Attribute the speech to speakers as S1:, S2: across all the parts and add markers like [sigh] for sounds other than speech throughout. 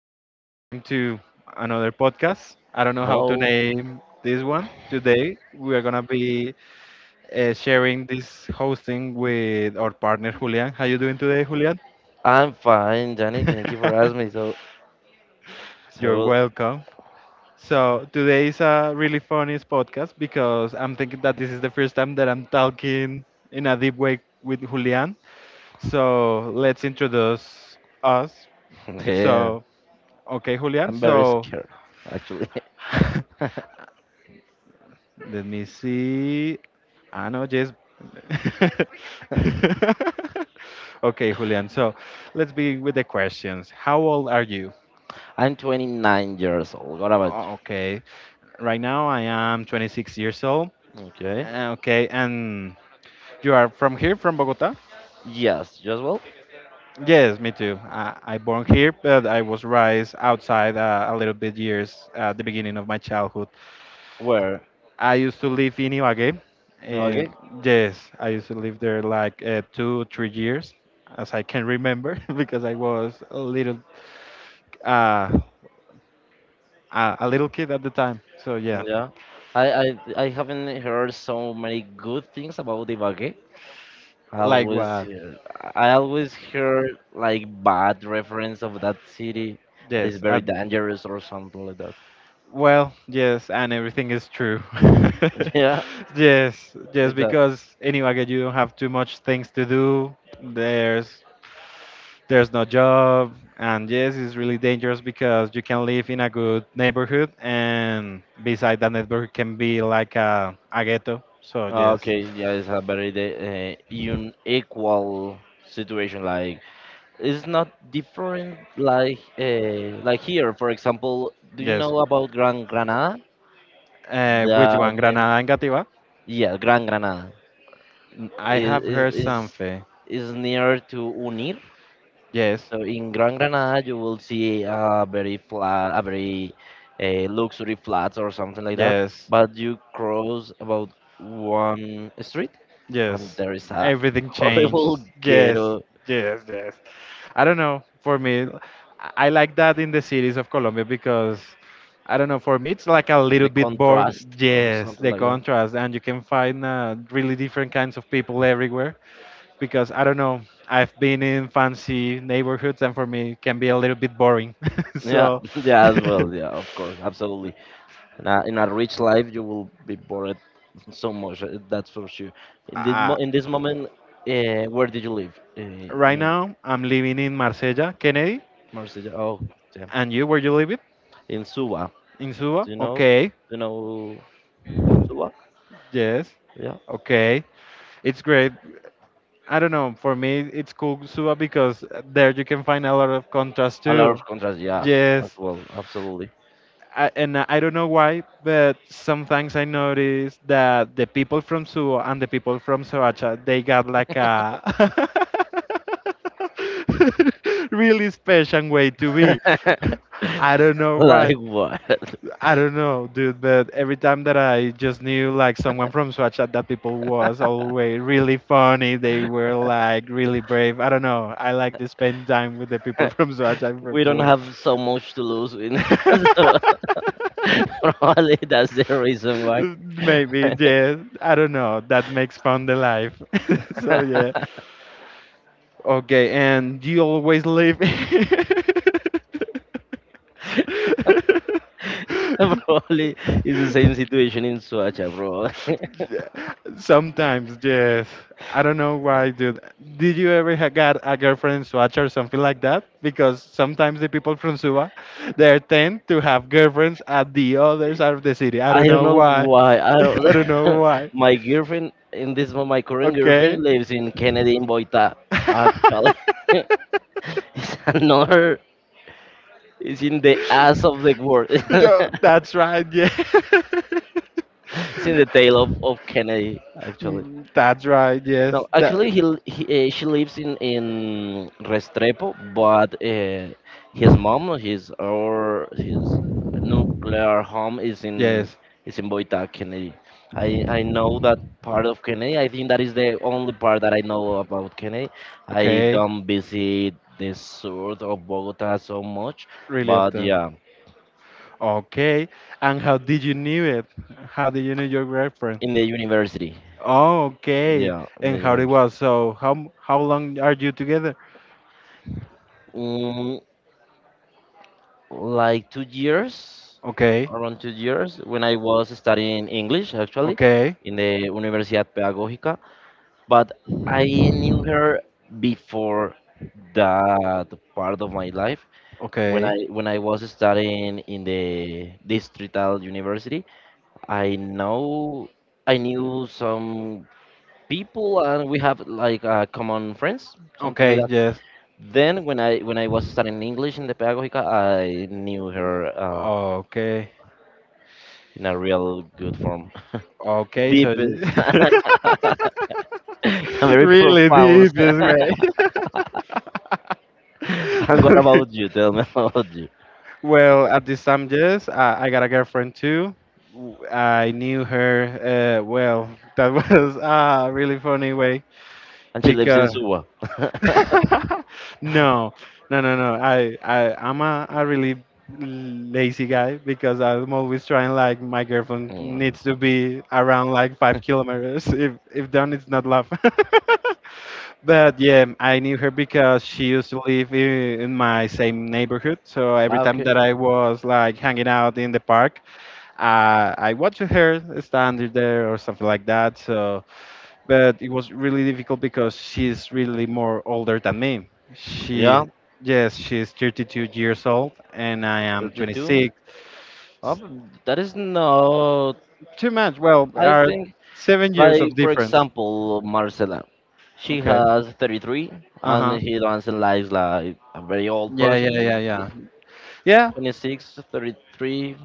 S1: welcome one more time to another podcast. I don't know how to
S2: Hello,
S1: name this one. Today we are gonna be sharing this hosting with our partner Julian. How you doing today, Julian?
S2: I'm fine, Johnny. Thank you for
S1: [laughs]
S2: asking me. So,
S1: You're
S2: so,
S1: welcome. So today is a really funny podcast because I'm thinking that this is the first time that I'm talking in a deep way with Julian. So let's introduce us.
S2: [laughs] yeah,
S1: So okay, Julian.
S2: I'm very
S1: So
S2: scared, actually. [laughs]
S1: [laughs] let me see. Ah, no, yes. [laughs] Okay, Julian. So let's begin with the questions. How old are you?
S2: I'm 29 years old. What about
S1: Oh, okay. Right now I am 26 years old.
S2: you? Okay.
S1: Okay, and you are from here, from Bogota?
S2: Yes, you as well?
S1: Yes, me too. I born here, but I was raised outside a little bit years at the beginning of my childhood.
S2: Where?
S1: I used to live in Ibagué.
S2: No,
S1: And
S2: okay.
S1: yes, I used to live there like two, 3 years, as I can remember, [laughs] because I was a little, uh, a little kid at the time. So yeah,
S2: Yeah. I haven't heard so many good things about Ibagué. I
S1: like
S2: always
S1: what?
S2: hear, I always hear like bad reference of that city that is
S1: Yes.
S2: very dangerous or something like that.
S1: Well, yes, and everything is true.
S2: [laughs] Yeah,
S1: [laughs] Yes, yes,
S2: it's a
S1: because in you don't have too much things to do. There's no job and yes, it's really dangerous because you can live in a good neighborhood and beside that neighborhood can be like a ghetto, so
S2: oh,
S1: yes,
S2: okay. Yeah, it's a very unequal situation. Like it's not different. Like here, for example, do you
S1: yes,
S2: know about Gran Granada?
S1: which
S2: The
S1: one,
S2: name,
S1: granada and gativa?
S2: yeah, Gran Granada
S1: I
S2: is
S1: have
S2: is
S1: heard
S2: is
S1: something.
S2: is near to Unir.
S1: Yes
S2: So in Gran Granada, you will see a very luxury flats or something like that.
S1: yes,
S2: But you cross about one street, and
S1: yes,
S2: there is a
S1: everything changes.
S2: horrible
S1: Yes,
S2: ghetto.
S1: yes, yes. I don't know. For me, I like that in the cities of Colombia because I don't know. For me, it's like a little
S2: The
S1: bit more.
S2: contrast or
S1: Yes,
S2: something
S1: the
S2: like that.
S1: contrast, and you can find really different kinds of people everywhere. Because I don't know, I've been in fancy neighborhoods, and for me, it can be a little bit boring. [laughs]
S2: Yeah,
S1: So.
S2: [laughs] yeah, as
S1: [laughs]
S2: well. Yeah, of course, absolutely. In a rich life, you will be bored [laughs] so much. That's for sure. In this mo
S1: Uh,
S2: in this moment, where did you live?
S1: right
S2: In
S1: now, I'm living in Marsella, Kennedy.
S2: Marseille. Oh, damn.
S1: And you, where you live it?
S2: In Suba.
S1: In Suba?
S2: Do you know? Do
S1: Okay.
S2: you know about Suba?
S1: Yes.
S2: Yeah.
S1: Okay. It's great. I don't know. For me, it's cool Suba because there you can find a lot of contrast
S2: A lot
S1: too.
S2: of contrast. Yeah, as
S1: Yes.
S2: well. Absolutely.
S1: I, and I don't know why, but sometimes I notice that the people from Suba and the people from Soacha, they got like a [laughs] really special way to be. [laughs]
S2: [laughs]
S1: I don't know
S2: Like
S1: why.
S2: what?
S1: I don't know, dude, but every time that I just knew like someone from Swatchat, that people was always really funny, they were like really brave. I don't know. I like to spend time with the people [laughs] from Swatchat
S2: [laughs] We
S1: from
S2: don't
S1: so
S2: have so much to lose in [laughs] so [laughs] probably that's the reason
S1: [laughs]
S2: why.
S1: maybe, yeah. I don't know. That makes fun the life. [laughs] So yeah. Okay, and you always live
S2: [laughs] [laughs] [laughs] Probably it's the same
S1: [laughs] [laughs]
S2: situation in Suacha, bro. [laughs]
S1: yeah, sometimes, yes. I don't know why, dude. Did you ever ha got a girlfriend in Swatch or something like that? Because sometimes the people from Suba, they tend to have girlfriends at the other side of the city. I don't
S2: I don't
S1: know
S2: know
S1: why.
S2: why. I
S1: [laughs] I
S2: don't,
S1: don't know
S2: [laughs]
S1: why.
S2: my girlfriend in this moment, my current
S1: Okay.
S2: girlfriend lives in Kennedy in Boita.
S1: [laughs]
S2: Actually, [laughs] it's another. It's in the ass of the world. [laughs]
S1: No,
S2: It's
S1: that's right. Yeah.
S2: in the tail of
S1: [laughs]
S2: Kennedy. Actually.
S1: Mm, that's right. Yes.
S2: No, actually,
S1: That.
S2: he, l- he she lives in Restrepo, but his mom, his or his nuclear home
S1: Yes.
S2: is in Boita, Kennedy. I know that part of Kennedy. I think that is the only part that I know about Kennedy. I
S1: Okay.
S2: don't visit the south of Bogota so much,
S1: Really
S2: but
S1: often.
S2: yeah,
S1: Okay. And how did you knew it? How did you know your girlfriend?
S2: in the university,
S1: Oh, okay.
S2: yeah, in
S1: And
S2: the
S1: how it
S2: university.
S1: was? So how m- how long are you together?
S2: Mm, like two years
S1: Okay.
S2: around 2 years, when I was studying English actually
S1: Okay.
S2: in the Universidad Pedagógica, but I knew her before that part of my life
S1: Okay.
S2: when I was studying in the Distrital University. I know I knew some people, and we have like common friends, something like
S1: Okay.
S2: that.
S1: Yes.
S2: Then when I was studying English in the Pedagógica, I knew her
S1: Okay.
S2: in a real good form. [laughs]
S1: Okay. So.
S2: Deepest,
S1: You-
S2: [laughs]
S1: [laughs]
S2: very
S1: really
S2: profound.
S1: deep
S2: [laughs] And
S1: this way. [laughs]
S2: what
S1: Okay.
S2: about you? Tell me about you.
S1: Well, at this time, yes, I got a girlfriend too. W- I knew her. Well, [laughs] that was a really funny way
S2: And she lives in
S1: because
S2: Suwa.
S1: [laughs]
S2: [laughs]
S1: no, no, no, no. I'm a really lazy guy because I'm always trying. Like my girlfriend
S2: Mm.
S1: needs to be around like 5 kilometers. If done, it's not love. [laughs] But yeah, I knew her because she used to live in my same neighborhood. So every
S2: Ah,
S1: time
S2: okay.
S1: that I was like hanging out in the park, I watched her standing there or something like that. So, but it was really difficult because she's really more older than me.
S2: Yeah,
S1: She, yes, she's 32 years old and I am
S2: 32.
S1: 26.
S2: Oh,
S1: S-
S2: but that is not.
S1: too much. Well,
S2: I
S1: are
S2: think,
S1: 7 years of
S2: like, for
S1: difference.
S2: example, Marcela. She
S1: Okay.
S2: has 33,
S1: Uh
S2: and
S1: huh.
S2: he doesn't like a very old
S1: Yeah, yeah, yeah,
S2: person.
S1: yeah.
S2: It's
S1: Yeah,
S2: 26, 33.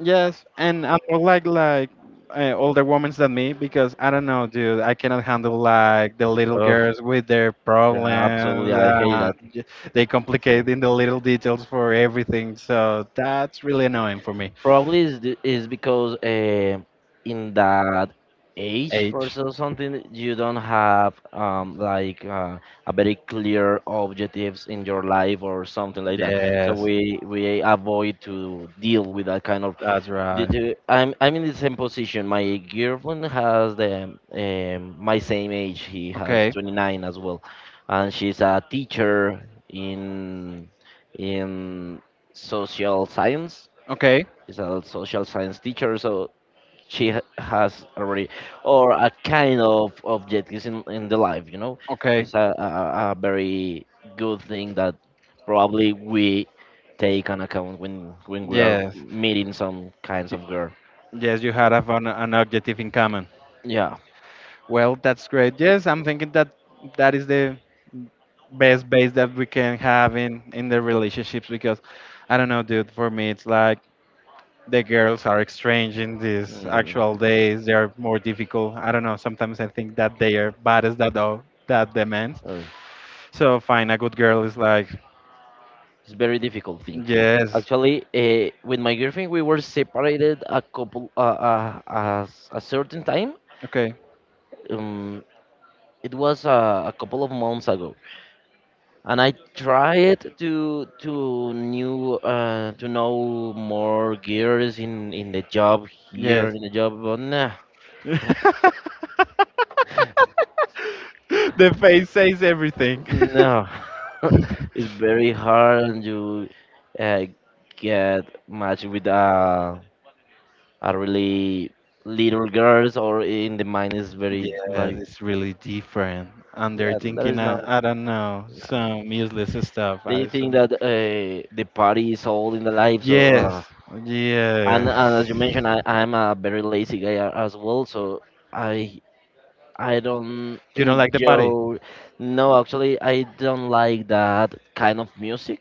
S1: yes, and I'm more like older women than me because I don't know, dude. I cannot handle like the little
S2: Mm.
S1: girls with their
S2: Yeah, absolutely.
S1: problems.
S2: I hate that.
S1: They
S2: So
S1: complicate in the little details for everything, so that's really annoying for me.
S2: probably is because in that age for
S1: Age.
S2: so something you don't have like a very clear objectives in your life or something like that. So
S1: Yes,
S2: we avoid to deal with that kind of
S1: that's
S2: Due
S1: right.
S2: to- I'm in the same position. My girlfriend has the my same age. He has, okay,
S1: Okay,
S2: 29 as well, and she's a teacher in in social science.
S1: okay,
S2: She's a social science teacher, so she has already or a kind of objectives in the life. Okay.
S1: okay.
S2: It's a very good thing that probably we take on account when we, yeah, are
S1: Yes,
S2: meeting some kinds
S1: Y-
S2: of girl.
S1: yes. You had a an objective in common.
S2: Yeah,
S1: Well, that's great. Yes, I'm thinking that is the best base that we can have in the relationships because I don't know, dude. For me, it's like the girls are strange in these
S2: mm,
S1: actual days. They are more difficult. I don't know. Sometimes I think that they are baddest that all that demands.
S2: uh,
S1: So fine, a good girl is like
S2: it's very difficult thing.
S1: yes,
S2: Actually, with my girlfriend, we were separated a couple as a certain time.
S1: okay,
S2: Um, it was a couple of months ago, and I tried to know more girls in the job, here
S1: yes.
S2: in the job, but nah,
S1: [laughs] The face says everything.
S2: no, [laughs]
S1: [laughs]
S2: it's very hard, and you uh, get matched with a are really little girls, or in the mind is very
S1: Yeah,
S2: like,
S1: it's really different. And they're
S2: yeah, there
S1: thinking,
S2: is no,
S1: I don't know, some useless stuff.
S2: they
S1: I
S2: think
S1: said,
S2: that the party is all in the life, so,
S1: yes,
S2: and as you
S1: yes.
S2: mentioned, I'm a very lazy guy as well, so i I don't
S1: You don't like the party?
S2: enjoy. No, actually I don't like that kind of music,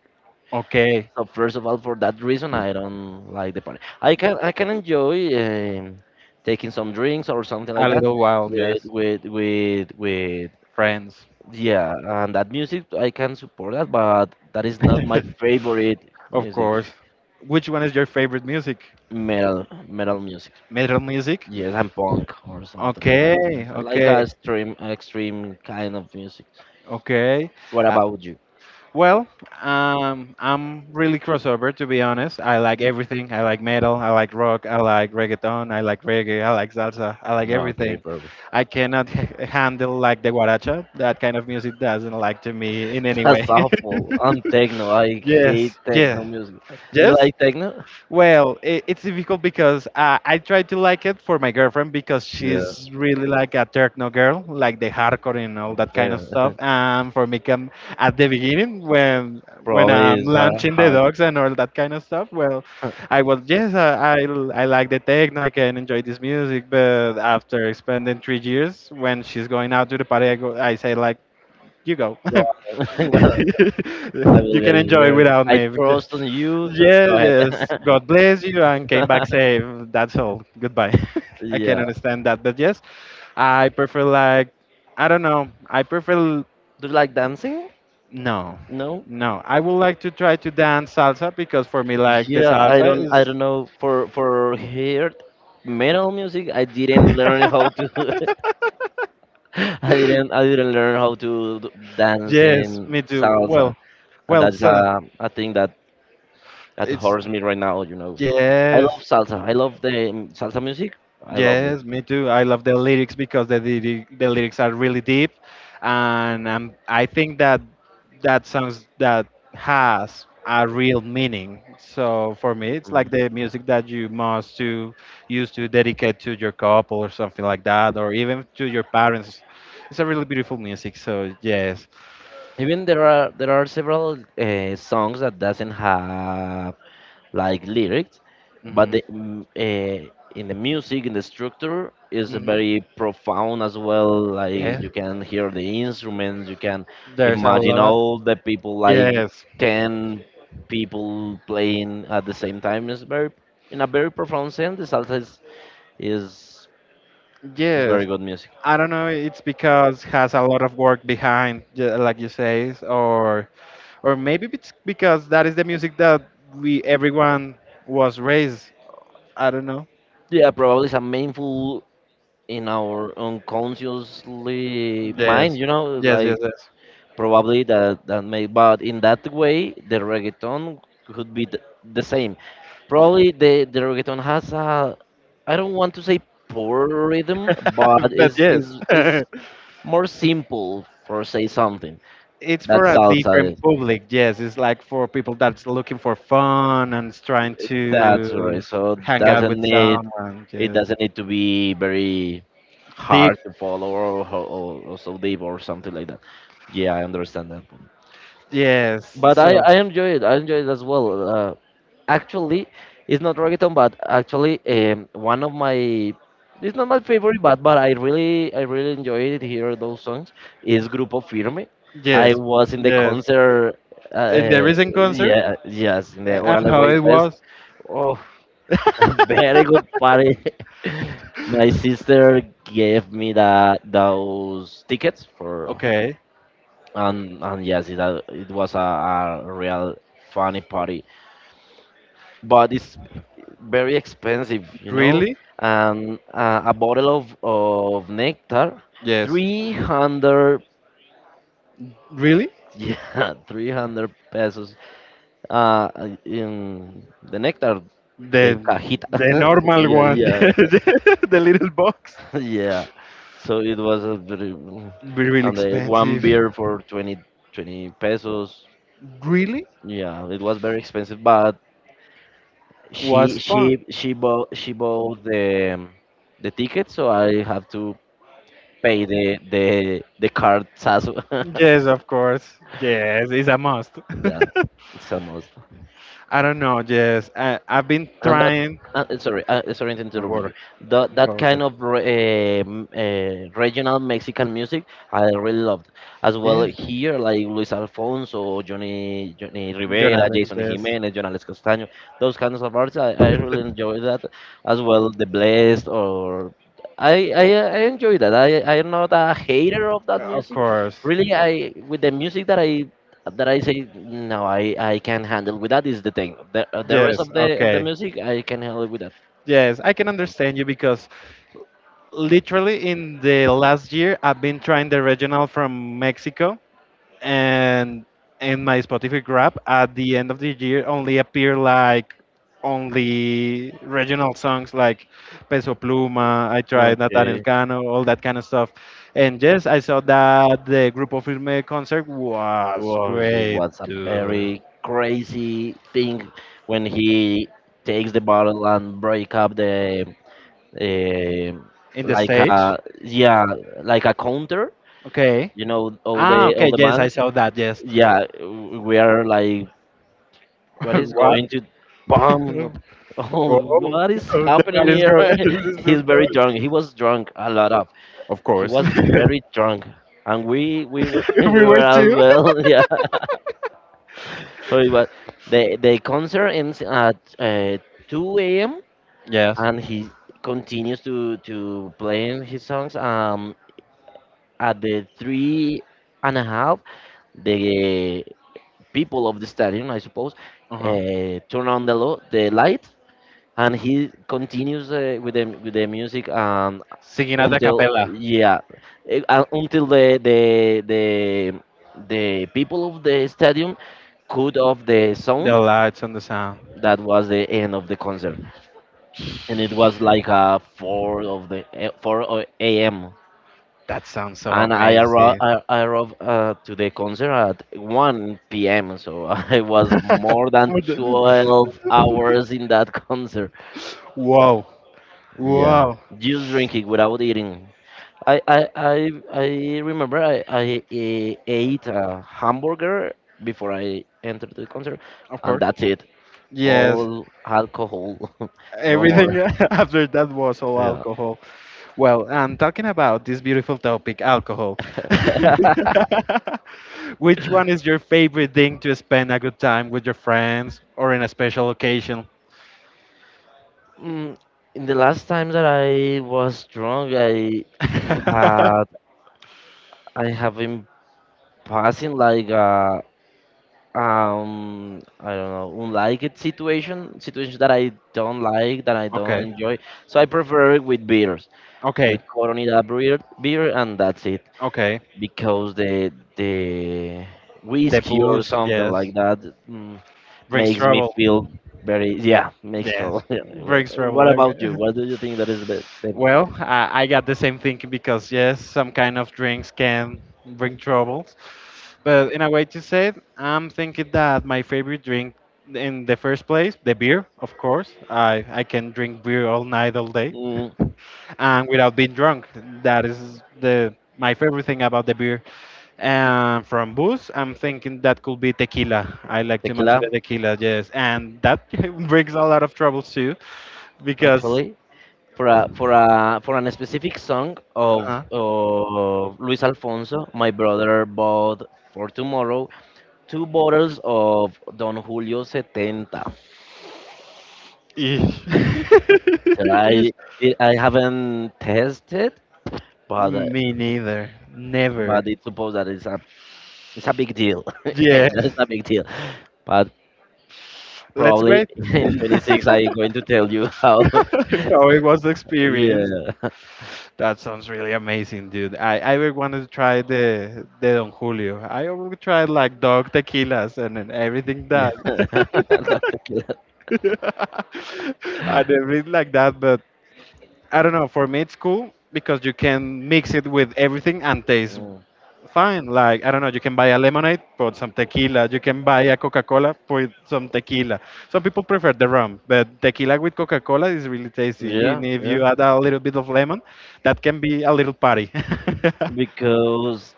S1: Okay,
S2: so first of all, for that reason I don't like the party. I can enjoy taking some drinks or something like
S1: a
S2: that,
S1: little wild.
S2: with
S1: Yes.
S2: with with with
S1: Friends.
S2: Yeah, and that music I can support that, but that is not my
S1: [laughs]
S2: favorite
S1: Of
S2: music.
S1: course. Which one is your favorite music?
S2: Metal, metal music.
S1: Metal music?
S2: Yes, and punk or something like that. Yes,
S1: Okay,
S2: I like a
S1: okay,
S2: extreme, extreme kind of music.
S1: okay.
S2: What
S1: I,
S2: about you?
S1: well, I'm really crossover to be honest. I like everything. I like metal. I like rock. I like reggaeton. I like reggae. I like salsa. I
S2: [laughs]
S1: like
S2: Okay,
S1: everything.
S2: perfect.
S1: I cannot handle like the guaracha. That kind of music doesn't like to me in any way.
S2: That's awful. I'm techno. I
S1: [laughs]
S2: hate
S1: Yes,
S2: techno
S1: yeah,
S2: music. Do you
S1: yes.
S2: like techno?
S1: Well, it's difficult because I try to like it for my girlfriend because
S2: Yeah.
S1: she's really like a techno girl, like the hardcore and all that kind of
S2: Then-
S1: stuff.
S2: [laughs]
S1: And for me, come at the beginning when
S2: Probably
S1: I'm
S2: is a
S1: launching the
S2: hard
S1: dogs and all that kind of stuff. Well, I was yes, I like the techno, I can enjoy this music. But after spending 3 years, when she's going out to the party, I, go, I say like, you go, [laughs]
S2: job. [laughs] I
S1: you
S2: will
S1: can
S2: get
S1: enjoy
S2: here.
S1: without
S2: I
S1: me.
S2: trust on you, so go
S1: Yes,
S2: ahead.
S1: yes. God bless you and came back
S2: [laughs]
S1: safe. That's all. Goodbye. [laughs] I can
S2: yeah.
S1: understand that. But yes, I prefer like I don't know. I prefer
S2: Do you like dancing?
S1: no.
S2: No.
S1: No. I would like to try to dance salsa because for me like the
S2: Yeah, I
S1: salsa
S2: don't. I
S1: is
S2: don't know. For here, metal music, I didn't learn how to. [laughs] I didn't learn how to d-
S1: [laughs]
S2: dance
S1: yes,
S2: in
S1: me too.
S2: salsa,
S1: Well,
S2: and
S1: well,
S2: that's
S1: so
S2: a thing that
S1: it's
S2: hurts me right now. You know, I
S1: yes.
S2: love salsa. I love the salsa music. I love it.
S1: Yes, me too. I love the lyrics because the the lyrics are really deep, and I think that that songs that has a real meaning. So for me, it's like
S2: Mhm.
S1: the music that you must to use to dedicate to your couple or something like that, or even to your parents. It's a really beautiful music. So yes.
S2: Even there are several songs that doesn't have like lyrics, but
S1: Mhm.
S2: the in the music in the structure is
S1: Mhm.
S2: very profound as well. Like
S1: Yes.
S2: you can hear the instruments, you can
S1: There's a
S2: imagine
S1: lot.
S2: all the people, like
S1: Yes.
S2: 10 people playing at the same time. Is very in a very profound sense. The salsa is, is very
S1: Yes.
S2: good music.
S1: I don't know. It's because has a lot of work behind, like you say, or maybe it's because that is the music that we everyone was raised. I don't know.
S2: Yeah, probably some mindful in our unconsciously mind.
S1: Yes, yes,
S2: Like
S1: yes,
S2: probably that may, but in that way the reggaeton could be the same. Probably
S1: yes.
S2: the reggaeton has a, I don't want to say poor rhythm, but
S1: [laughs] But
S2: is
S1: yes,
S2: is is
S1: [laughs]
S2: more simple for say something
S1: it's
S2: that
S1: for a
S2: salsa
S1: different
S2: is,
S1: public. Yes, it's like for people that's looking for fun and is trying
S2: that's
S1: to
S2: right, so
S1: hang out
S2: doesn't
S1: with
S2: need.
S1: someone.
S2: It
S1: Yes,
S2: doesn't need to be very
S1: deep.
S2: hard to follow or so deep or something like that. Yeah, I understand that,
S1: Yes.
S2: but i
S1: So
S2: i enjoy it as well. Uh, Actually, it's not reggaeton, but actually, one of my, it's not my favorite, but I really enjoyed it, hear those songs, is grupo firme. I
S1: yes,
S2: was in the
S1: yes.
S2: concert uh,
S1: In the
S2: uh,
S1: recent concert.
S2: yeah, yes, in the
S1: And
S2: orale
S1: how
S2: way
S1: it
S2: fest.
S1: was.
S2: Oh, [laughs] it's a very good party.
S1: [laughs]
S2: [laughs] My sister gave me that those tickets for,
S1: Okay,
S2: and yes, it, it was a real funny party, but it's very expensive, you know.
S1: really?
S2: And a bottle of nectar,
S1: Yes.
S2: 300,
S1: Really?
S2: yeah, [laughs] 300 pesos uh, in the nectar, the
S1: The
S2: cajita.
S1: the
S2: [laughs]
S1: normal
S2: Yeah,
S1: one,
S2: yeah,
S1: [laughs] the little box.
S2: [laughs] yeah. So it was a very, and
S1: Be really
S2: the one
S1: expensive.
S2: beer for twenty pesos.
S1: Really?
S2: Yeah, it was very expensive, but she
S1: Was
S2: she
S1: fun.
S2: she bought she bought the ticket, so I have to pay the cards as well. [laughs]
S1: Yes, of course. Yes, it's a must. [laughs]
S2: Yeah, it's almost.
S1: I don't know. Yes, I've been
S2: And that,
S1: trying.
S2: sorry to
S1: Don't
S2: interrupt you.
S1: worry.
S2: That
S1: Go ahead.
S2: kind of regional Mexican music, I really loved. As well
S1: Yes,
S2: here, like Luis Alfonso, Johnny
S1: John
S2: Rivera,
S1: Alex.
S2: Jason
S1: Yes,
S2: Jimenez, John Alex Castaño, those kinds of artists, I really
S1: [laughs]
S2: enjoy that. As well, The Blessed or. I enjoy that. I'm not a hater of that
S1: of
S2: music.
S1: course.
S2: Really, I with the music that I say no, I can handle with that is the thing. The rest
S1: Yes.
S2: of the
S1: Okay.
S2: music I can handle with that.
S1: Yes, I can understand you because literally in the last year I've been trying the regional from Mexico and in my Spotify grab at the end of the year only appear like only regional songs like Peso Pluma, I tried Nathaniel
S2: Okay.
S1: Cano, all that kind of stuff. And yes, I saw that the Grupo Firme concert was
S2: Wow, it
S1: great
S2: was a
S1: dude.
S2: very crazy thing when he takes the bottle and break up the um
S1: In the
S2: like
S1: stage.
S2: a, yeah, like a counter.
S1: Okay.
S2: You know all
S1: Ah,
S2: the all
S1: okay.
S2: the
S1: Yes, I
S2: bands.
S1: saw that. Yes.
S2: Yeah, we are like,
S1: [laughs]
S2: what is
S1: What?
S2: going to bomb?
S1: [laughs]
S2: [laughs]
S1: Whoa,
S2: Oh,
S1: oh,
S2: what is
S1: the
S2: happening
S1: man is
S2: here?
S1: going. [laughs]
S2: [laughs]
S1: Is still
S2: He's very
S1: going.
S2: drunk. He was drunk a lot of.
S1: Of
S2: He
S1: course.
S2: was
S1: [laughs]
S2: very drunk, and we were [laughs]
S1: If
S2: we
S1: we
S2: were
S1: were
S2: as
S1: to.
S2: well. [laughs] Yeah. So it was the concert ends at 2 a.m.,
S1: Yes.
S2: and he continues to playing his songs. At the three and a half, the people of the stadium, I suppose,
S1: Uh huh.
S2: turn on the light, and he continues with the music
S1: Singing at the
S2: until,
S1: cappella.
S2: yeah, until the people of the stadium cut off the sound.
S1: The lights and the sound.
S2: That was the end of the concert, and it was like 4 of the eh, 4 o- a.m.,
S1: That sounds so
S2: and I arrived
S1: amazing.
S2: I arrived to the concert at 1 p.m., so [laughs] I was more
S1: [laughs]
S2: than
S1: What the-
S2: 12 hours in that [laughs] concert,
S1: wow.
S2: yeah,
S1: Wow.
S2: just drinking without eating. I I I I remember I ate a hamburger before I entered the concert,
S1: Of
S2: and
S1: course.
S2: that's it.
S1: Yes.
S2: All alcohol, [laughs] no more.
S1: Everything [laughs] after that was all
S2: Yeah.
S1: alcohol. Well, and talking about this beautiful topic, alcohol.
S2: [laughs]
S1: [laughs] Which one is your favorite thing to spend a good time with your friends or in a special occasion? [laughs]
S2: Mm, in the last time that I was drunk, had I have been passing like a I don't know, unlike it situation that I don't like, that I don't
S1: Okay,
S2: enjoy. So I prefer it with beer.
S1: okay,
S2: With Coronita beer, and that's it.
S1: okay.
S2: Because the
S1: The
S2: whiskey or
S1: booze,
S2: something like
S1: yes.
S2: that, mm,
S1: Brings
S2: makes me
S1: trouble,
S2: feel very, yeah, mixed
S1: yes.
S2: trouble.
S1: Brings
S2: [laughs] What
S1: trouble.
S2: about you?
S1: Every-
S2: What
S1: [laughs]
S2: do you think that is the best?
S1: well, I got the same thing because, yes, some kind of drinks can bring troubles. But in a way to say it, I'm thinking that my favorite drink in the first place, the beer, of course. I can drink beer all night, all day,
S2: Mm,
S1: [laughs] and without being drunk. That is the my favorite thing about the beer. And from booze, I'm thinking that could be tequila. I like too much of
S2: Tequila,
S1: the tequila, yes, and that [laughs] brings a lot of troubles too, because.
S2: actually, for a for an specific song of
S1: Uh-huh.
S2: of Luis Alfonso, my brother bought for tomorrow two bottles of Don Julio 70.
S1: Eesh.
S2: So
S1: [laughs] Eesh.
S2: I I haven't tested, but
S1: Me neither. Never.
S2: it's supposed that it's a big deal. [laughs]
S1: Yes.
S2: That's a big deal. But
S1: Let's
S2: probably
S1: great.
S2: [laughs] in
S1: [laughs] How
S2: 26 I'm going to tell you how. [laughs]
S1: it was the experience.
S2: Yeah. [laughs]
S1: That sounds really amazing, dude. I really wanted to try the Don Julio. I already tried like dog tequilas and everything
S2: Yeah.
S1: that [laughs]
S2: [laughs] Not tequila.
S1: and everything like that. But I don't know. For me, it's cool because you can mix it with everything and taste
S2: Mm.
S1: fine. Like, I don't know, you can buy a lemonade, put some tequila. You can buy a Coca Cola, put some tequila. Some people prefer the rum, but tequila with Coca Cola is really tasty.
S2: Yeah,
S1: And if
S2: yeah.
S1: you add a little bit of lemon, that can be a little party. [laughs]
S2: Because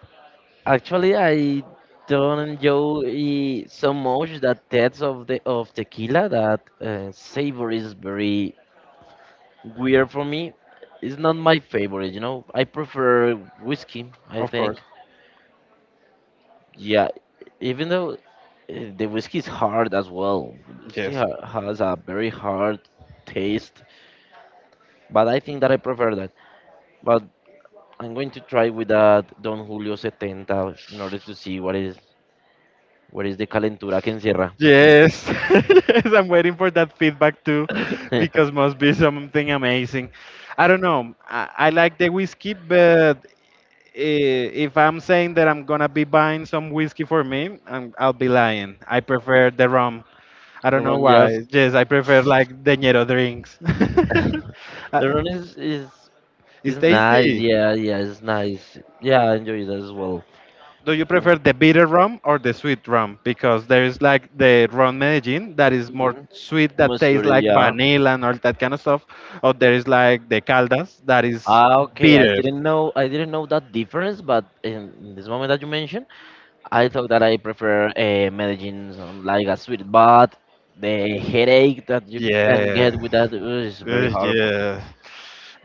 S2: actually I don't enjoy so much that taste of tequila. That savor is very weird for me, it's not my favorite. I prefer whiskey, I
S1: Of course.
S2: think. Yeah, even though the whiskey is hard as well. Whiskey
S1: Yes.
S2: has a very hard taste, but I think that I prefer that. But I'm going to try with that Don Julio 70 in order to see what is the calentura que encierra.
S1: Yes. [laughs] Yes, I'm waiting for that feedback too, because
S2: [laughs]
S1: must be something amazing. I don't know. I like the whiskey, but if I'm saying that I'm gonna be buying some whiskey for me, I'll be lying. I prefer the rum. I
S2: The
S1: don't know
S2: rum, yes.
S1: why. Yes, I prefer like the Ñero drinks. [laughs]
S2: [laughs]
S1: Uh,
S2: The rum
S1: it's
S2: is nice.
S1: tasty.
S2: Yeah, yeah, it's nice. Yeah, I enjoy that as well.
S1: Do you prefer the bitter rum or the sweet rum? Because there is like the rum Medellin that is more
S2: Mhm.
S1: sweet, that tastes
S2: Mussoorie,
S1: like
S2: yeah.
S1: vanilla and all that kind of stuff. Or there is like the Caldas that is
S2: Ah, okay. I
S1: bitter.
S2: didn't know. I didn't know that difference, but in this moment that you mentioned, I thought that I prefer a Medellin, like a sweet, but the headache that you can
S1: Yeah.
S2: get with that, is very horrible.
S1: Yeah.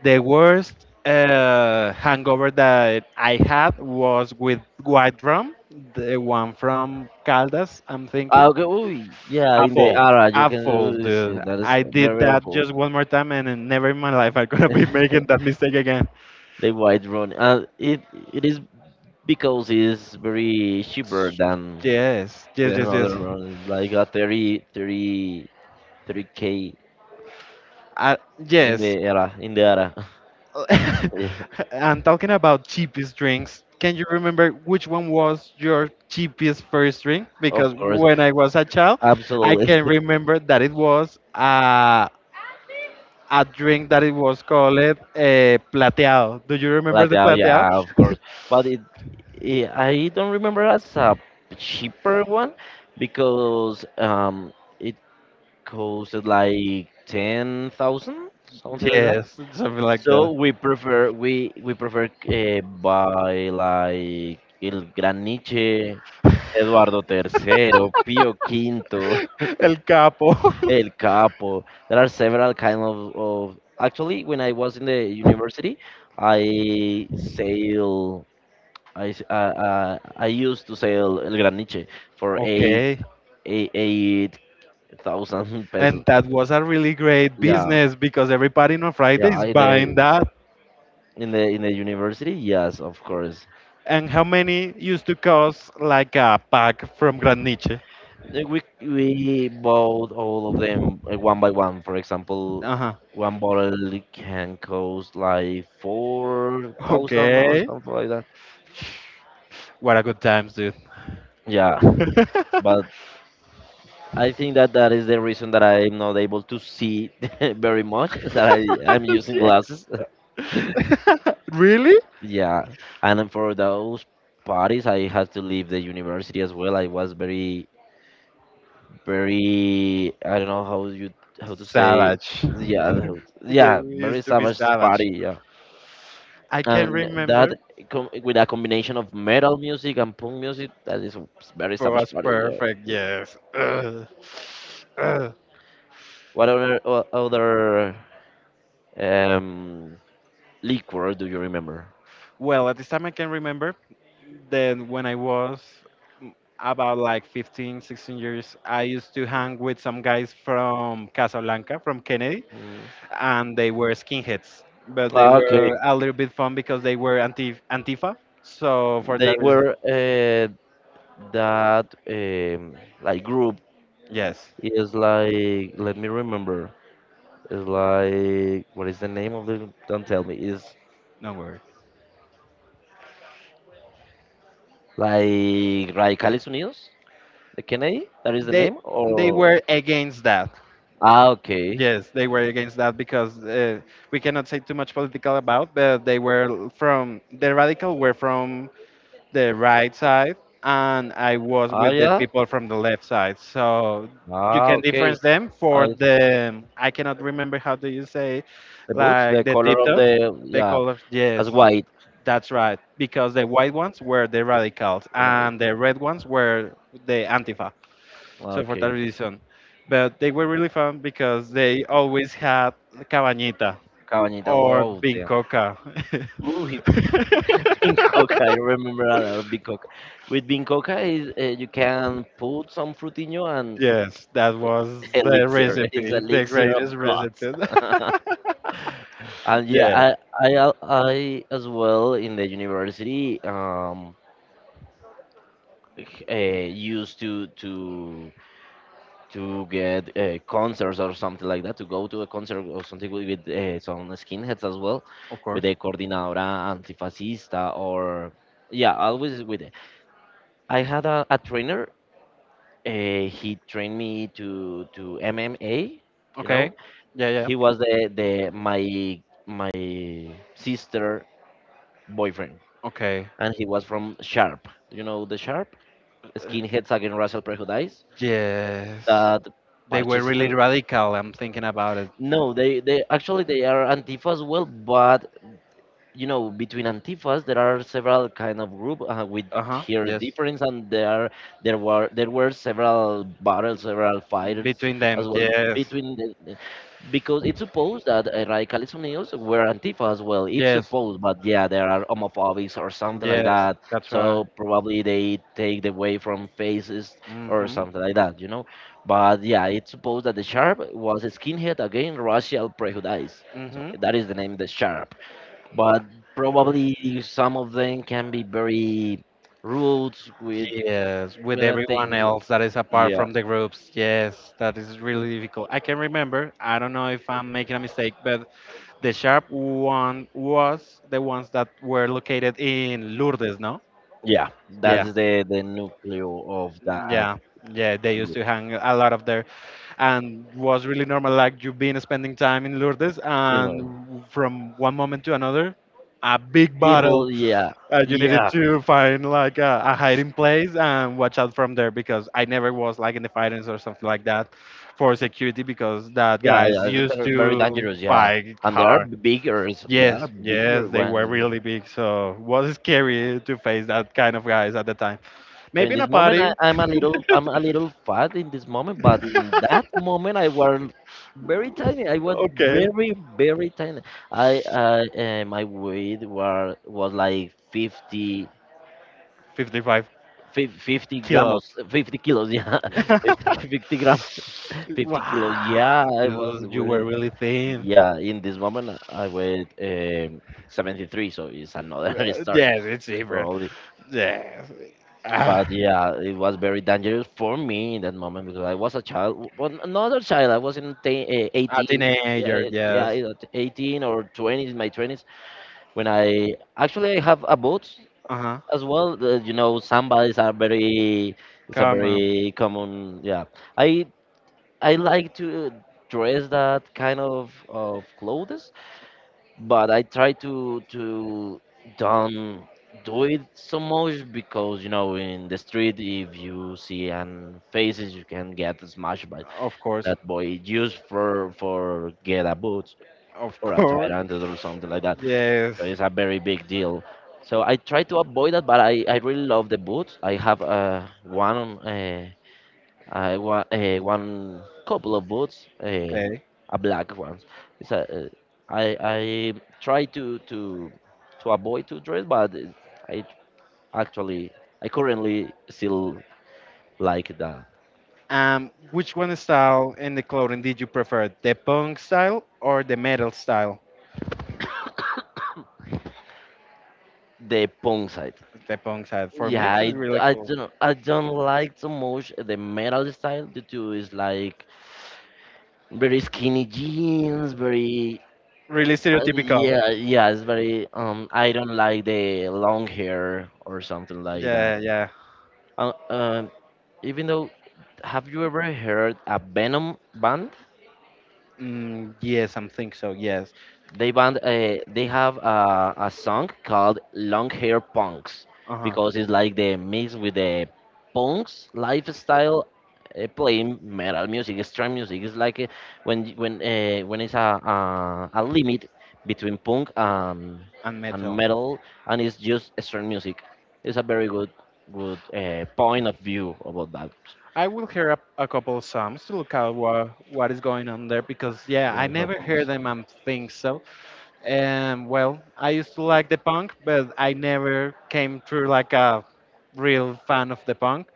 S1: The worst hangover that I had was with White rum, the one from Caldas, I'm thinking.
S2: Ah, okay. Ooh, yeah. In the
S1: Awful.
S2: ara, you can
S1: Awful,
S2: do this. Yeah,
S1: dude.
S2: that is
S1: I did
S2: very
S1: that
S2: awful.
S1: just one more time and then never in my life I'm gonna be making that
S2: [laughs]
S1: mistake again.
S2: The white rum. It is because it's very cheaper than
S1: Yes,
S2: the
S1: yes, yes, yes.
S2: another one. It's like a thirty thirty thirty k
S1: Uh,
S2: in the
S1: yes,
S2: era,
S1: [laughs]
S2: [laughs] yeah,
S1: and talking about cheapest drinks, can you remember which one was your cheapest first drink?
S2: of
S1: Because
S2: course,
S1: when I was a child, I
S2: absolutely.
S1: can
S2: [laughs]
S1: remember that it was a drink that it was called plateado. Do you remember
S2: Latte,
S1: the plateado?
S2: yeah, of course,
S1: [laughs]
S2: but it I don't remember as a cheaper one because it costed like 10,000 something like that.
S1: Yes, something like
S2: So
S1: that.
S2: we prefer buy like el Gran Niche, Eduardo III, Pío V,
S1: [laughs] El Capo. [laughs]
S2: El Capo. There are several kind of, actually when I was in the university, I sail I used to sail El Graniche for eight
S1: Okay.
S2: eight eight thousand [laughs] pesos.
S1: And that was a really great
S2: Yeah,
S1: business because everybody on Friday
S2: yeah.
S1: is
S2: In the
S1: buying that.
S2: university, yes, of course.
S1: And how many used to cost like a pack from Grand Niche?
S2: We bought all of them, one by one. For example,
S1: Uh huh.
S2: one bottle can cost like 4,000 or
S1: Okay.
S2: something like that.
S1: What a good times, dude.
S2: Yeah,
S1: [laughs]
S2: but I think that that is the reason that I'm not able to see [laughs] very much, that I am using
S1: Yeah.
S2: glasses. [laughs]
S1: [laughs] Really?
S2: Yeah, and then for those parties, I had to leave the university as well. I was very, very, I don't know how you, how to say,
S1: Savage.
S2: yeah,
S1: [laughs] They
S2: yeah, very
S1: used to be
S2: savage
S1: savage.
S2: party, yeah.
S1: I can
S2: And
S1: remember
S2: that
S1: it
S2: com with a combination of metal music and punk music, that is very savage
S1: was
S2: party,
S1: perfect.
S2: yeah.
S1: Yes. Ugh. Ugh.
S2: What other other um liquor do you remember?
S1: Well, at this time I can remember then when I was m- about like 15, 16 years, I used to hang with some guys from Casablanca, from Kennedy,
S2: Mm.
S1: and they were skinheads. But they
S2: Ah, okay.
S1: were a little bit fun because they were anti Antifa. So for
S2: They
S1: that reason,
S2: were that, like group
S1: yes,
S2: is, like, let me remember. Is like, what is the name of the? Don't tell me. Is
S1: no worry.
S2: like Radicales Unidos? The Kennedy? That is the
S1: They
S2: name,
S1: they
S2: or?
S1: were against that.
S2: Ah, okay.
S1: Yes, they were against that because we cannot say too much political about, but they were from the radical were from the right side and I was
S2: Ah,
S1: with the
S2: yeah.
S1: people from the left side. So you
S2: Ah,
S1: can
S2: okay.
S1: difference them for
S2: I,
S1: the I cannot remember how do you say
S2: The boots,
S1: like
S2: the
S1: the
S2: color of
S1: tiptoes,
S2: the,
S1: the
S2: yeah,
S1: colors.
S2: as
S1: Yes,
S2: white.
S1: that's right. Because the white ones were the radicals
S2: Right.
S1: and the red ones were the antifa. So for that
S2: Okay.
S1: reason, but they were really fun because they always had cabañita
S2: Cabañita,
S1: or
S2: wow, damn.
S1: bincoca.
S2: Ooh, [laughs] bean coca, I
S1: [laughs]
S2: remember a lot of bean coca. With bean coca, you can put some frutinho and
S1: Yes, that was
S2: [laughs]
S1: the
S2: elixir. It's
S1: recipe, the
S2: elixir of
S1: greatest
S2: gods.
S1: recipe.
S2: [laughs]
S1: [laughs]
S2: And yeah,
S1: Yes,
S2: I as well, in the university, used to get concerts or something like that, to go to a concert or something with, some skinheads as well,
S1: of
S2: with
S1: course.
S2: the coordinadora antifascista, or yeah, always with it. I had a trainer. He trained me to MMA. You know,
S1: Okay. Yeah, yeah.
S2: he was the my sister boyfriend,
S1: Okay.
S2: and he was from Sharp. Do you know the Sharp?
S1: Uh,
S2: Skinheads against Racial Prejudice.
S1: yes.
S2: That
S1: They were
S2: parchecito.
S1: really radical. I'm thinking about it.
S2: No, they actually they are Antifa as well, but you know between antifas there are several kind of group, with
S1: Uh huh.
S2: here
S1: Yes.
S2: difference, and there were several battles, several fighters
S1: Between them.
S2: as well,
S1: Yes.
S2: between because it's supposed that, radicales unidos were antifa as well, it's
S1: Yes.
S2: supposed, but yeah there are homophobics or something like
S1: Yes.
S2: that,
S1: That's right.
S2: so probably they take the way from faces
S1: Mm
S2: or
S1: hmm.
S2: something like that. But yeah, it's supposed that the sharp was a skinhead again racial prejudice,
S1: Mm
S2: so
S1: hmm.
S2: that is the name, the sharp, but probably some of them can be very rude
S1: Yes, with
S2: with the
S1: everyone
S2: things.
S1: else that is apart
S2: Yeah,
S1: from the groups. Yes, that is really difficult. I can remember, I don't know if I'm making a mistake, but the sharp one was the ones that were located in Lourdes, no?
S2: yeah,
S1: Yeah,
S2: that's the nucleo of that
S1: yeah, yeah. They used
S2: group.
S1: to hang a lot of there, and was really normal. Like you been spending time in Lourdes,
S2: You know,
S1: and from one moment to another, a big battle
S2: people. Yeah,
S1: You needed
S2: yeah,
S1: to find like a hiding place and watch out from there because I never was like in the fightings or something like that for security because that
S2: yeah,
S1: guys
S2: yeah. It's
S1: used
S2: very, very
S1: to
S2: dangerous. Yeah,
S1: fight
S2: and they are
S1: hard.
S2: bigger. So they are
S1: Yes,
S2: bigger
S1: yes, they were
S2: ones.
S1: really big, so it was scary to face that kind of guys at the time.
S2: So
S1: Maybe
S2: in
S1: in
S2: this
S1: a
S2: moment,
S1: party,
S2: I'm a little, fat in this moment, but in that
S1: [laughs]
S2: moment, I was very tiny. I was
S1: okay,
S2: very, very tiny. I, I, my weight was like 50,
S1: 55
S2: 50 grams,
S1: kilos.
S2: 50 kilos, yeah, [laughs] 50
S1: [laughs]
S2: 50 grams, [laughs] 50
S1: Wow,
S2: kilos. Yeah, I was
S1: dude, you were
S2: wearing.
S1: really thin.
S2: Yeah, in this moment, I weighed, 73, so it's another [laughs] story,
S1: Yes, it's evil.
S2: probably.
S1: Yes. Ah.
S2: But yeah, it was very dangerous for me in that moment because I was a child, but another child. I was in
S1: A
S2: 18, yeah,
S1: teenager,
S2: yeah,
S1: yes.
S2: 18 or 20s, my 20s, when I have a boat
S1: Uh huh.
S2: as well. Samba is it's a
S1: Come on.
S2: very common. Yeah, I I like to dress that kind of clothes, but I try to don't do it so much because you know in the street if you see an faces you can get smashed by
S1: Of course.
S2: that boy used for get a boot
S1: Of [laughs]
S2: or a
S1: course.
S2: tyrant or something like that.
S1: Yes.
S2: So it's a very big deal. So I try to avoid that, but I really love the boots. I have, one, uh, I want, one couple of boots,
S1: Okay.
S2: a black one. It's a, I try to avoid to dress, but I actually I currently still like
S1: Which one style in the clothing did you prefer? The punk style or the metal style?
S2: the punk side.
S1: The punk style. For me,
S2: Yeah,
S1: this is really cool.
S2: I don't like so much the metal style due to is like very skinny jeans, very,
S1: Really stereotypical.
S2: yeah it's very, I don't like the long hair or something like that.
S1: Yeah, yeah.
S2: Uh, um, Even though, have you ever heard a Venom band?
S1: Mm, yes, I think so. Yes.
S2: They have a song called Long Hair Punks
S1: Uh huh.
S2: because it's like the mix with the punks lifestyle, playing metal music, extreme music. It's like, when y- when when it's a limit between punk
S1: And
S2: and
S1: metal.
S2: metal, and it's just extreme music. It's a very good point of view about that.
S1: I will hear a couple of songs to look out what is going on there because yeah, I
S2: Long Hair
S1: never hear
S2: Punks.
S1: them. I'm think so. And well, I used to like the punk, but I never came through like a real fan of the punk.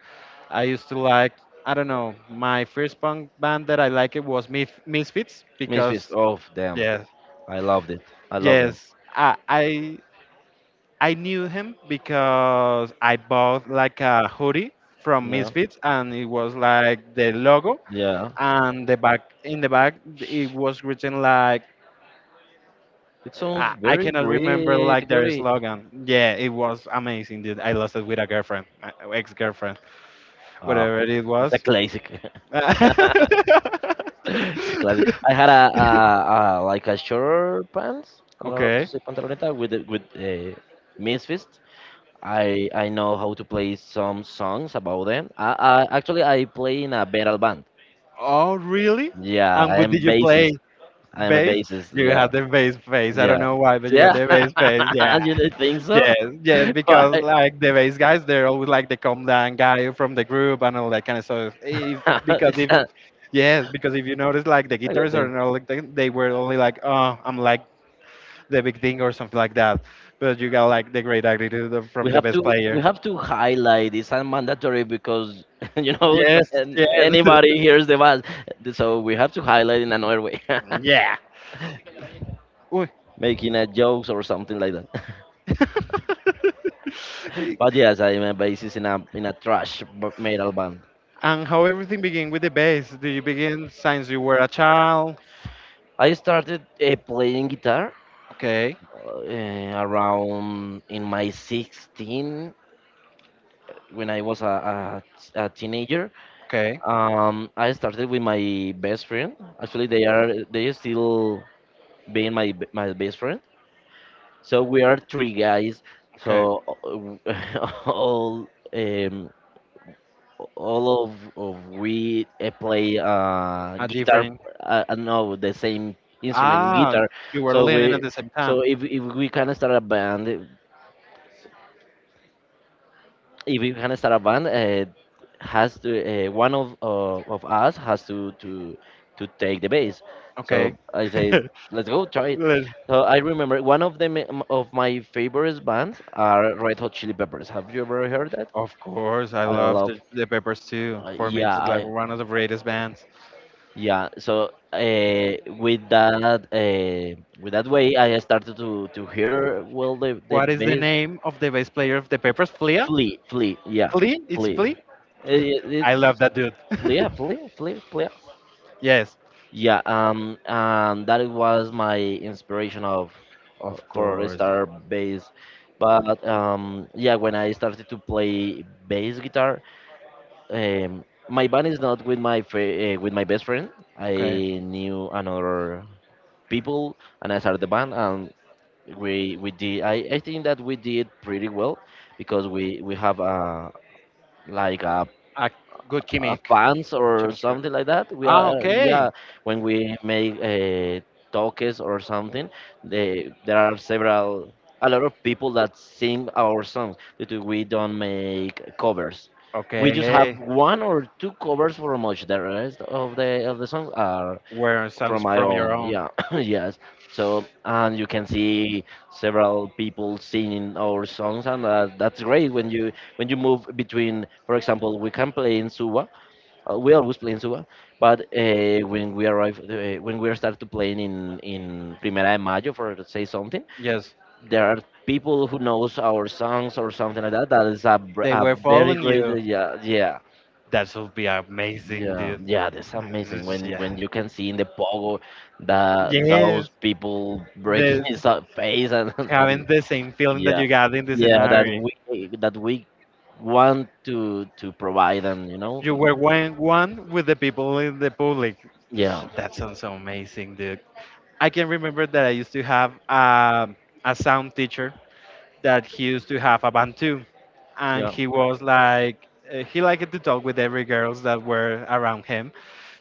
S1: I used to like, I don't know, my first punk band that I liked it was Misfits
S2: Misfits,
S1: because
S2: oh damn.
S1: yes,
S2: I loved it. I love them.
S1: yes, I knew him because I bought like a hoodie from
S2: You know?
S1: Misfits and it was like the logo
S2: Yeah.
S1: and the back in the back it was written like
S2: It
S1: Uh,
S2: sounds
S1: I, I
S2: very
S1: cannot remember
S2: great,
S1: like their
S2: Hori.
S1: slogan. Yeah, it was amazing, dude. I lost it with a girlfriend, ex girlfriend,
S2: Ah,
S1: whatever it
S2: it's a
S1: was.
S2: classic. [laughs]
S1: [laughs]
S2: It's a classic. I had a, like a short pants. I don't know how to
S1: Okay.
S2: say pantaloneta with misfit. I know how to play some songs about them. I play in a metal band.
S1: Oh, really?
S2: Yeah,
S1: And
S2: I
S1: what
S2: am
S1: did you play?
S2: bassist. I am a
S1: Bass?
S2: bassist.
S1: You had
S2: Yeah,
S1: the bass face. I
S2: yeah.
S1: don't know why, but you got
S2: Yeah.
S1: the bass face. Yeah.
S2: [laughs]
S1: [laughs]
S2: You don't think so?
S1: Yes, yes,
S2: [laughs] Why?
S1: because like the bass guys, they're always like the calm down guy from the group and all that kind of stuff. If
S2: [laughs]
S1: because if
S2: It's
S1: yes, because if you notice, like the
S2: a good
S1: guitarists are
S2: thing.
S1: not like they were only like, oh, I'm like the big thing or something like that. But you got like the great attitude of- from the best
S2: We
S1: player.
S2: have to highlight. It's not mandatory because [laughs] you know
S1: Yes,
S2: and
S1: yes,
S2: anybody hears the buzz, so we have to highlight in another way,
S1: [laughs] yeah.
S2: [laughs]
S1: Uy.
S2: making a jokes or something like that. [laughs] But
S1: [laughs]
S2: yes, I'm a bassist in a trash metal band.
S1: And how everything began with the bass? Do you begin since you were a child?
S2: I started, playing guitar,
S1: Okay,
S2: around in my 16. When I was a teenager.
S1: okay,
S2: I started with my best friend. Actually, they are still being my my best friend. So we are three guys. So
S1: okay.
S2: [laughs] all, all of we, play,
S1: A
S2: guitar.
S1: different.
S2: No, the same instrument,
S1: Ah,
S2: guitar.
S1: you were
S2: So
S1: learning
S2: we
S1: at the same time.
S2: so if we can start a band, if you can start a band, has to, one of, of us has to take the bass.
S1: Okay.
S2: So I say,
S1: [laughs]
S2: let's go try it.
S1: Let-
S2: So I remember one of them of my favorite bands are Red Hot Chili Peppers. Have you ever heard that?
S1: of course, I
S2: I
S1: love
S2: love.
S1: the Peppers too. For me, it's
S2: Yeah,
S1: like
S2: I
S1: one of the greatest bands.
S2: yeah. So, with that way, I started to hear well the
S1: What is the
S2: bass.
S1: name of the bass player of the Peppers? Flea?
S2: Flea, flea, yeah,
S1: Flea? It's
S2: flea.
S1: Flea? I love
S2: It's
S1: that dude. [laughs]
S2: flea, yeah, flea, flea, flea.
S1: Yes,
S2: Yeah, that was my inspiration of
S1: of
S2: for a
S1: course.
S2: star bass. But, yeah, when I started to play bass guitar, um, my band is not with my with my best friend. I
S1: Okay,
S2: knew another people, and I started the band, and we did. I think that we did pretty well because we have a like a
S1: a good gimmick.
S2: fans or
S1: Chemistry.
S2: something like that. We
S1: Ah,
S2: are
S1: okay.
S2: yeah. When we make talks or something, there are several a lot of people that sing our songs, because we don't make covers. We just have
S1: Okay,
S2: one or two covers for much. The rest of the songs are
S1: were songs
S2: from my
S1: from your
S2: own.
S1: own.
S2: Yeah, [coughs] yes. So and you can see several people singing our songs, and that's great when you move between. For example, we can play in Suba, we always play in Suba, but when we arrive, when we start to playing in Primera de Mayo, for to say something,
S1: Yes,
S2: there are people who knows our songs or something like that. That is a,
S1: they
S2: a
S1: were
S2: very
S1: following
S2: great,
S1: you.
S2: yeah, yeah,
S1: That would be amazing,
S2: yeah,
S1: dude.
S2: yeah. That's amazing
S1: [laughs]
S2: when
S1: Yeah.
S2: you can see in the pogo that
S1: Yes,
S2: those people breaking
S1: the,
S2: [laughs] his face and [laughs] that is,
S1: having the same feeling that
S2: yeah,
S1: you got in the
S2: yeah,
S1: scenario.
S2: that we want to provide, and you know,
S1: You were one, one with the people in the public.
S2: yeah,
S1: That sounds amazing, dude. I can remember that I used to have a sound teacher that he used to have a band too, and
S2: yeah.
S1: he was like he liked to talk with every girls that were around him.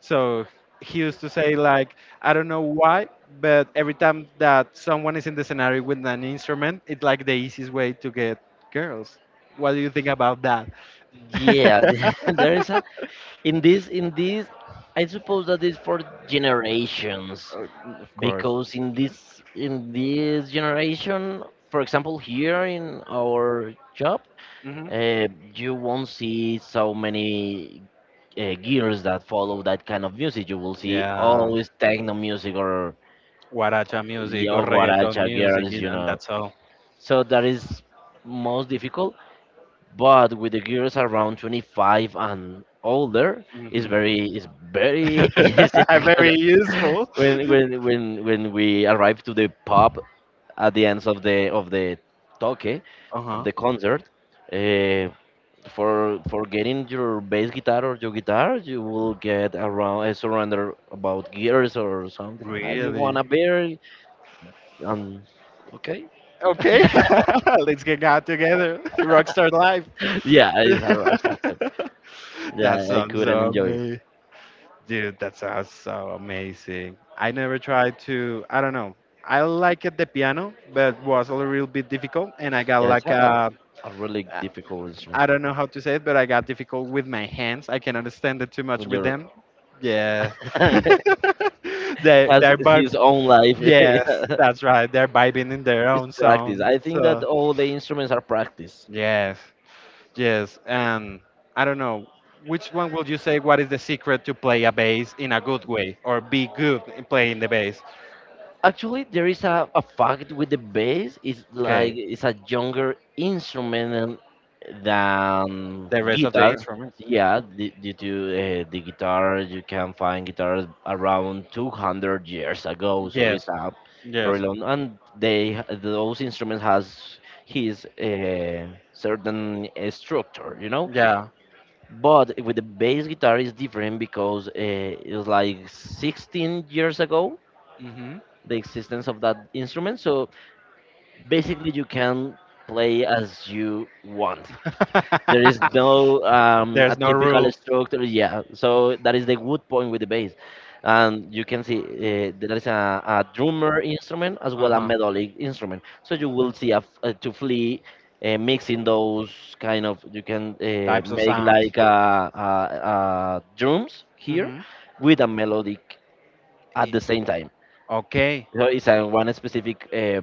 S1: So he used to say like I don't know why, but every time that someone is in the scenario with an instrument, it's like the easiest way to get girls. What do you think about that?
S2: Yeah, [laughs] there is a
S1: [laughs]
S2: in this I suppose that is for generations
S1: Uh, of course.
S2: because in this generation, for example, here in our job,
S1: Hmm.
S2: uh, you won't see so many gears that follow that kind of music. You will see
S1: Yeah.
S2: always techno music or
S1: Guaracha music or
S2: yo
S1: reggaeton
S2: guaracha
S1: music,
S2: girls,
S1: you know,
S2: you
S1: and
S2: know.
S1: that's all.
S2: So that is most difficult, but with the girls around 25 and older
S1: Hmm.
S2: it's very [laughs] easy
S1: [laughs]
S2: to
S1: Very useful.
S2: when we arrive to the pub at the ends of the toque,
S1: Uh
S2: of
S1: huh.
S2: the concert, uh, for getting your bass guitar or your guitar, you will get around surrender about gears or something, ah, you want
S1: Really?
S2: a beer, um okay.
S1: Okay.
S2: [laughs]
S1: [laughs] Let's get out together. [laughs] Rockstar life.
S2: yeah, it's a rock
S1: [laughs]
S2: star.
S1: That
S2: Yeah, I
S1: sounds
S2: couldn't
S1: so
S2: enjoy.
S1: amazing. Dude, that sounds so amazing. I never tried to, I don't know. I like it the piano, but was a little bit difficult, and I got
S2: Yeah, it's
S1: like a,
S2: a really difficult instrument
S1: I don't know how to say it, but I got difficult with my hands. I can understand it too much
S2: when
S1: with
S2: you're,
S1: them. Yes. [laughs]
S2: [laughs]
S1: They
S2: has
S1: they're
S2: his own life, [laughs]
S1: yes,
S2: yeah.
S1: that's right. They're vibing in their own
S2: Practice.
S1: sound.
S2: I think that
S1: So
S2: all the instruments are practice.
S1: yes, yes. And I don't know. Which one will you say what is the secret to play a bass in a good way or be good in playing the bass?
S2: Actually, there is a fact with the bass. It's like
S1: Okay.
S2: it's a younger instrument than
S1: The rest of the
S2: guitar.
S1: instruments.
S2: Yeah, due to the guitar, you can find guitars around 200 years ago, so it's
S1: Yes.
S2: a very
S1: Yes.
S2: long. And they those instruments has his certain structure, you know.
S1: Yeah.
S2: But with the bass guitar is different because it's like 16 years ago
S1: Hmm.
S2: the existence of that instrument. So basically, you can play as you want. There is no
S1: [laughs]
S2: a
S1: There's no
S2: typical
S1: rules.
S2: structure. Yeah, so that is the good point with the bass, and you can see there is a drummer instrument as
S1: Uh
S2: well a
S1: huh.
S2: melodic instrument. So you will see a, a to flee. Mixing those kind of, you can
S1: Types of
S2: make
S1: sounds.
S2: like a drums here
S1: Hmm.
S2: with a melodic at the same time.
S1: Okay,
S2: So it's a one specific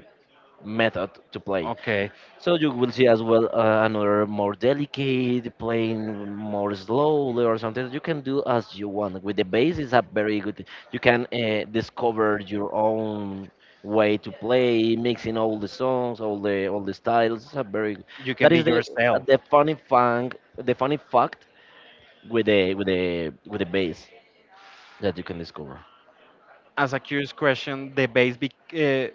S2: method to play.
S1: okay.
S2: So you will see as well another more delicate playing more slowly or something. You can do as you want. With the bass is a very good. You can discover your own way to play, mixing all the songs, all the styles. It's a very,
S1: You can
S2: that
S1: be
S2: is the
S1: yourself.
S2: funny fact with the with the bass that you can discover.
S1: As a curious question, the bass be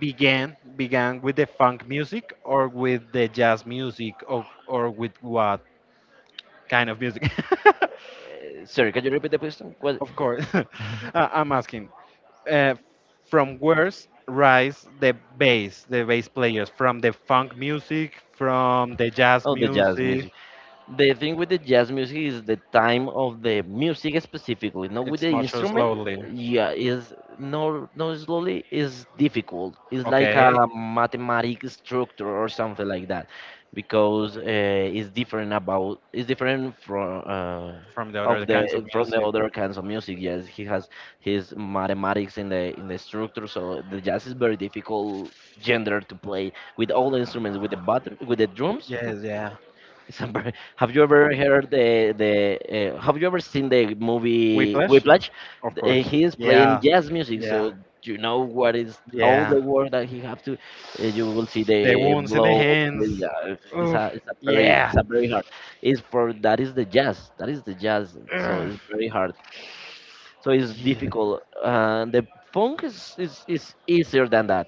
S1: began with the funk music or with the jazz music or with what kind of music? [laughs]
S2: Sorry, can you repeat the question? What?
S1: Of course, [laughs] I'm asking. Uh, from where's rise the bass players? From the funk music, from the jazz
S2: Oh, the jazz music.
S1: music?
S2: The thing with the jazz music is the time of the music specifically, not with the
S1: It's much
S2: instrument.
S1: slowly.
S2: Yeah, is no, no, slowly is difficult. It's like
S1: Okay,
S2: a mathematic structure or something like that, because it's different about it's different from
S1: from the
S2: of
S1: other kinds of
S2: the from the
S1: music.
S2: other kinds of music. Yes, he has his mathematics in the structure, so the jazz is very difficult gender to play with all the instruments, with the butter, with the drums.
S1: Yes, yeah.
S2: Sambar. [laughs] Have you ever heard the the? Have you ever seen the movie
S1: Whiplash,
S2: Whiplash?
S1: of course.
S2: He is playing
S1: Yeah,
S2: jazz music, so
S1: yeah,
S2: you know what is all
S1: yeah.
S2: the work that he have to. You will see
S1: The
S2: the
S1: wounds in the
S2: blow.
S1: hands.
S2: Yeah,
S1: Oof.
S2: it's a very
S1: Yeah.
S2: hard. It's for that is the jazz. That is the jazz. So
S1: Ugh.
S2: it's very hard. So it's
S1: Yeah.
S2: difficult. The funk is, is easier than that.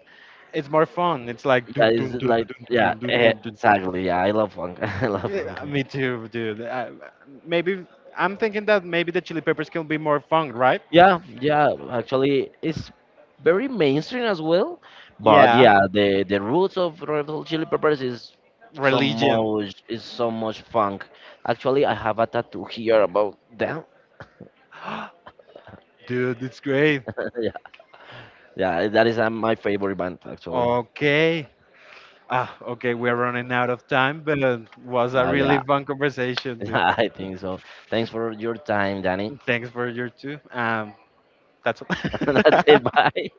S1: It's more fun. It's like
S2: Yeah,
S1: dun
S2: it's
S1: dun dun
S2: like
S1: dun
S2: yeah,
S1: dun dun dun
S2: eh,
S1: dun dun.
S2: exactly. Yeah, I love funk. [laughs] I love funk.
S1: Yeah, me too, dude. I, maybe I'm thinking that maybe the Chili Peppers can be more fun, right?
S2: Yeah, yeah, actually, it's very mainstream as well. But
S1: Yeah.
S2: yeah, the roots of Red Hot Chili Peppers is
S1: Religion.
S2: so much funk. Actually, I have a tattoo here about them.
S1: [gasps] Dude, it's great.
S2: [laughs] Yeah, yeah, that is my favorite band actually.
S1: Okay. Ah, okay, we're running out of time, but it was a
S2: But
S1: really
S2: yeah,
S1: fun
S2: [laughs]
S1: conversation, dude.
S2: yeah, I think so. Thanks for your time, Danny.
S1: Thanks for your too. That's
S2: [laughs] That's
S1: all.
S2: it. Bye.
S1: [laughs]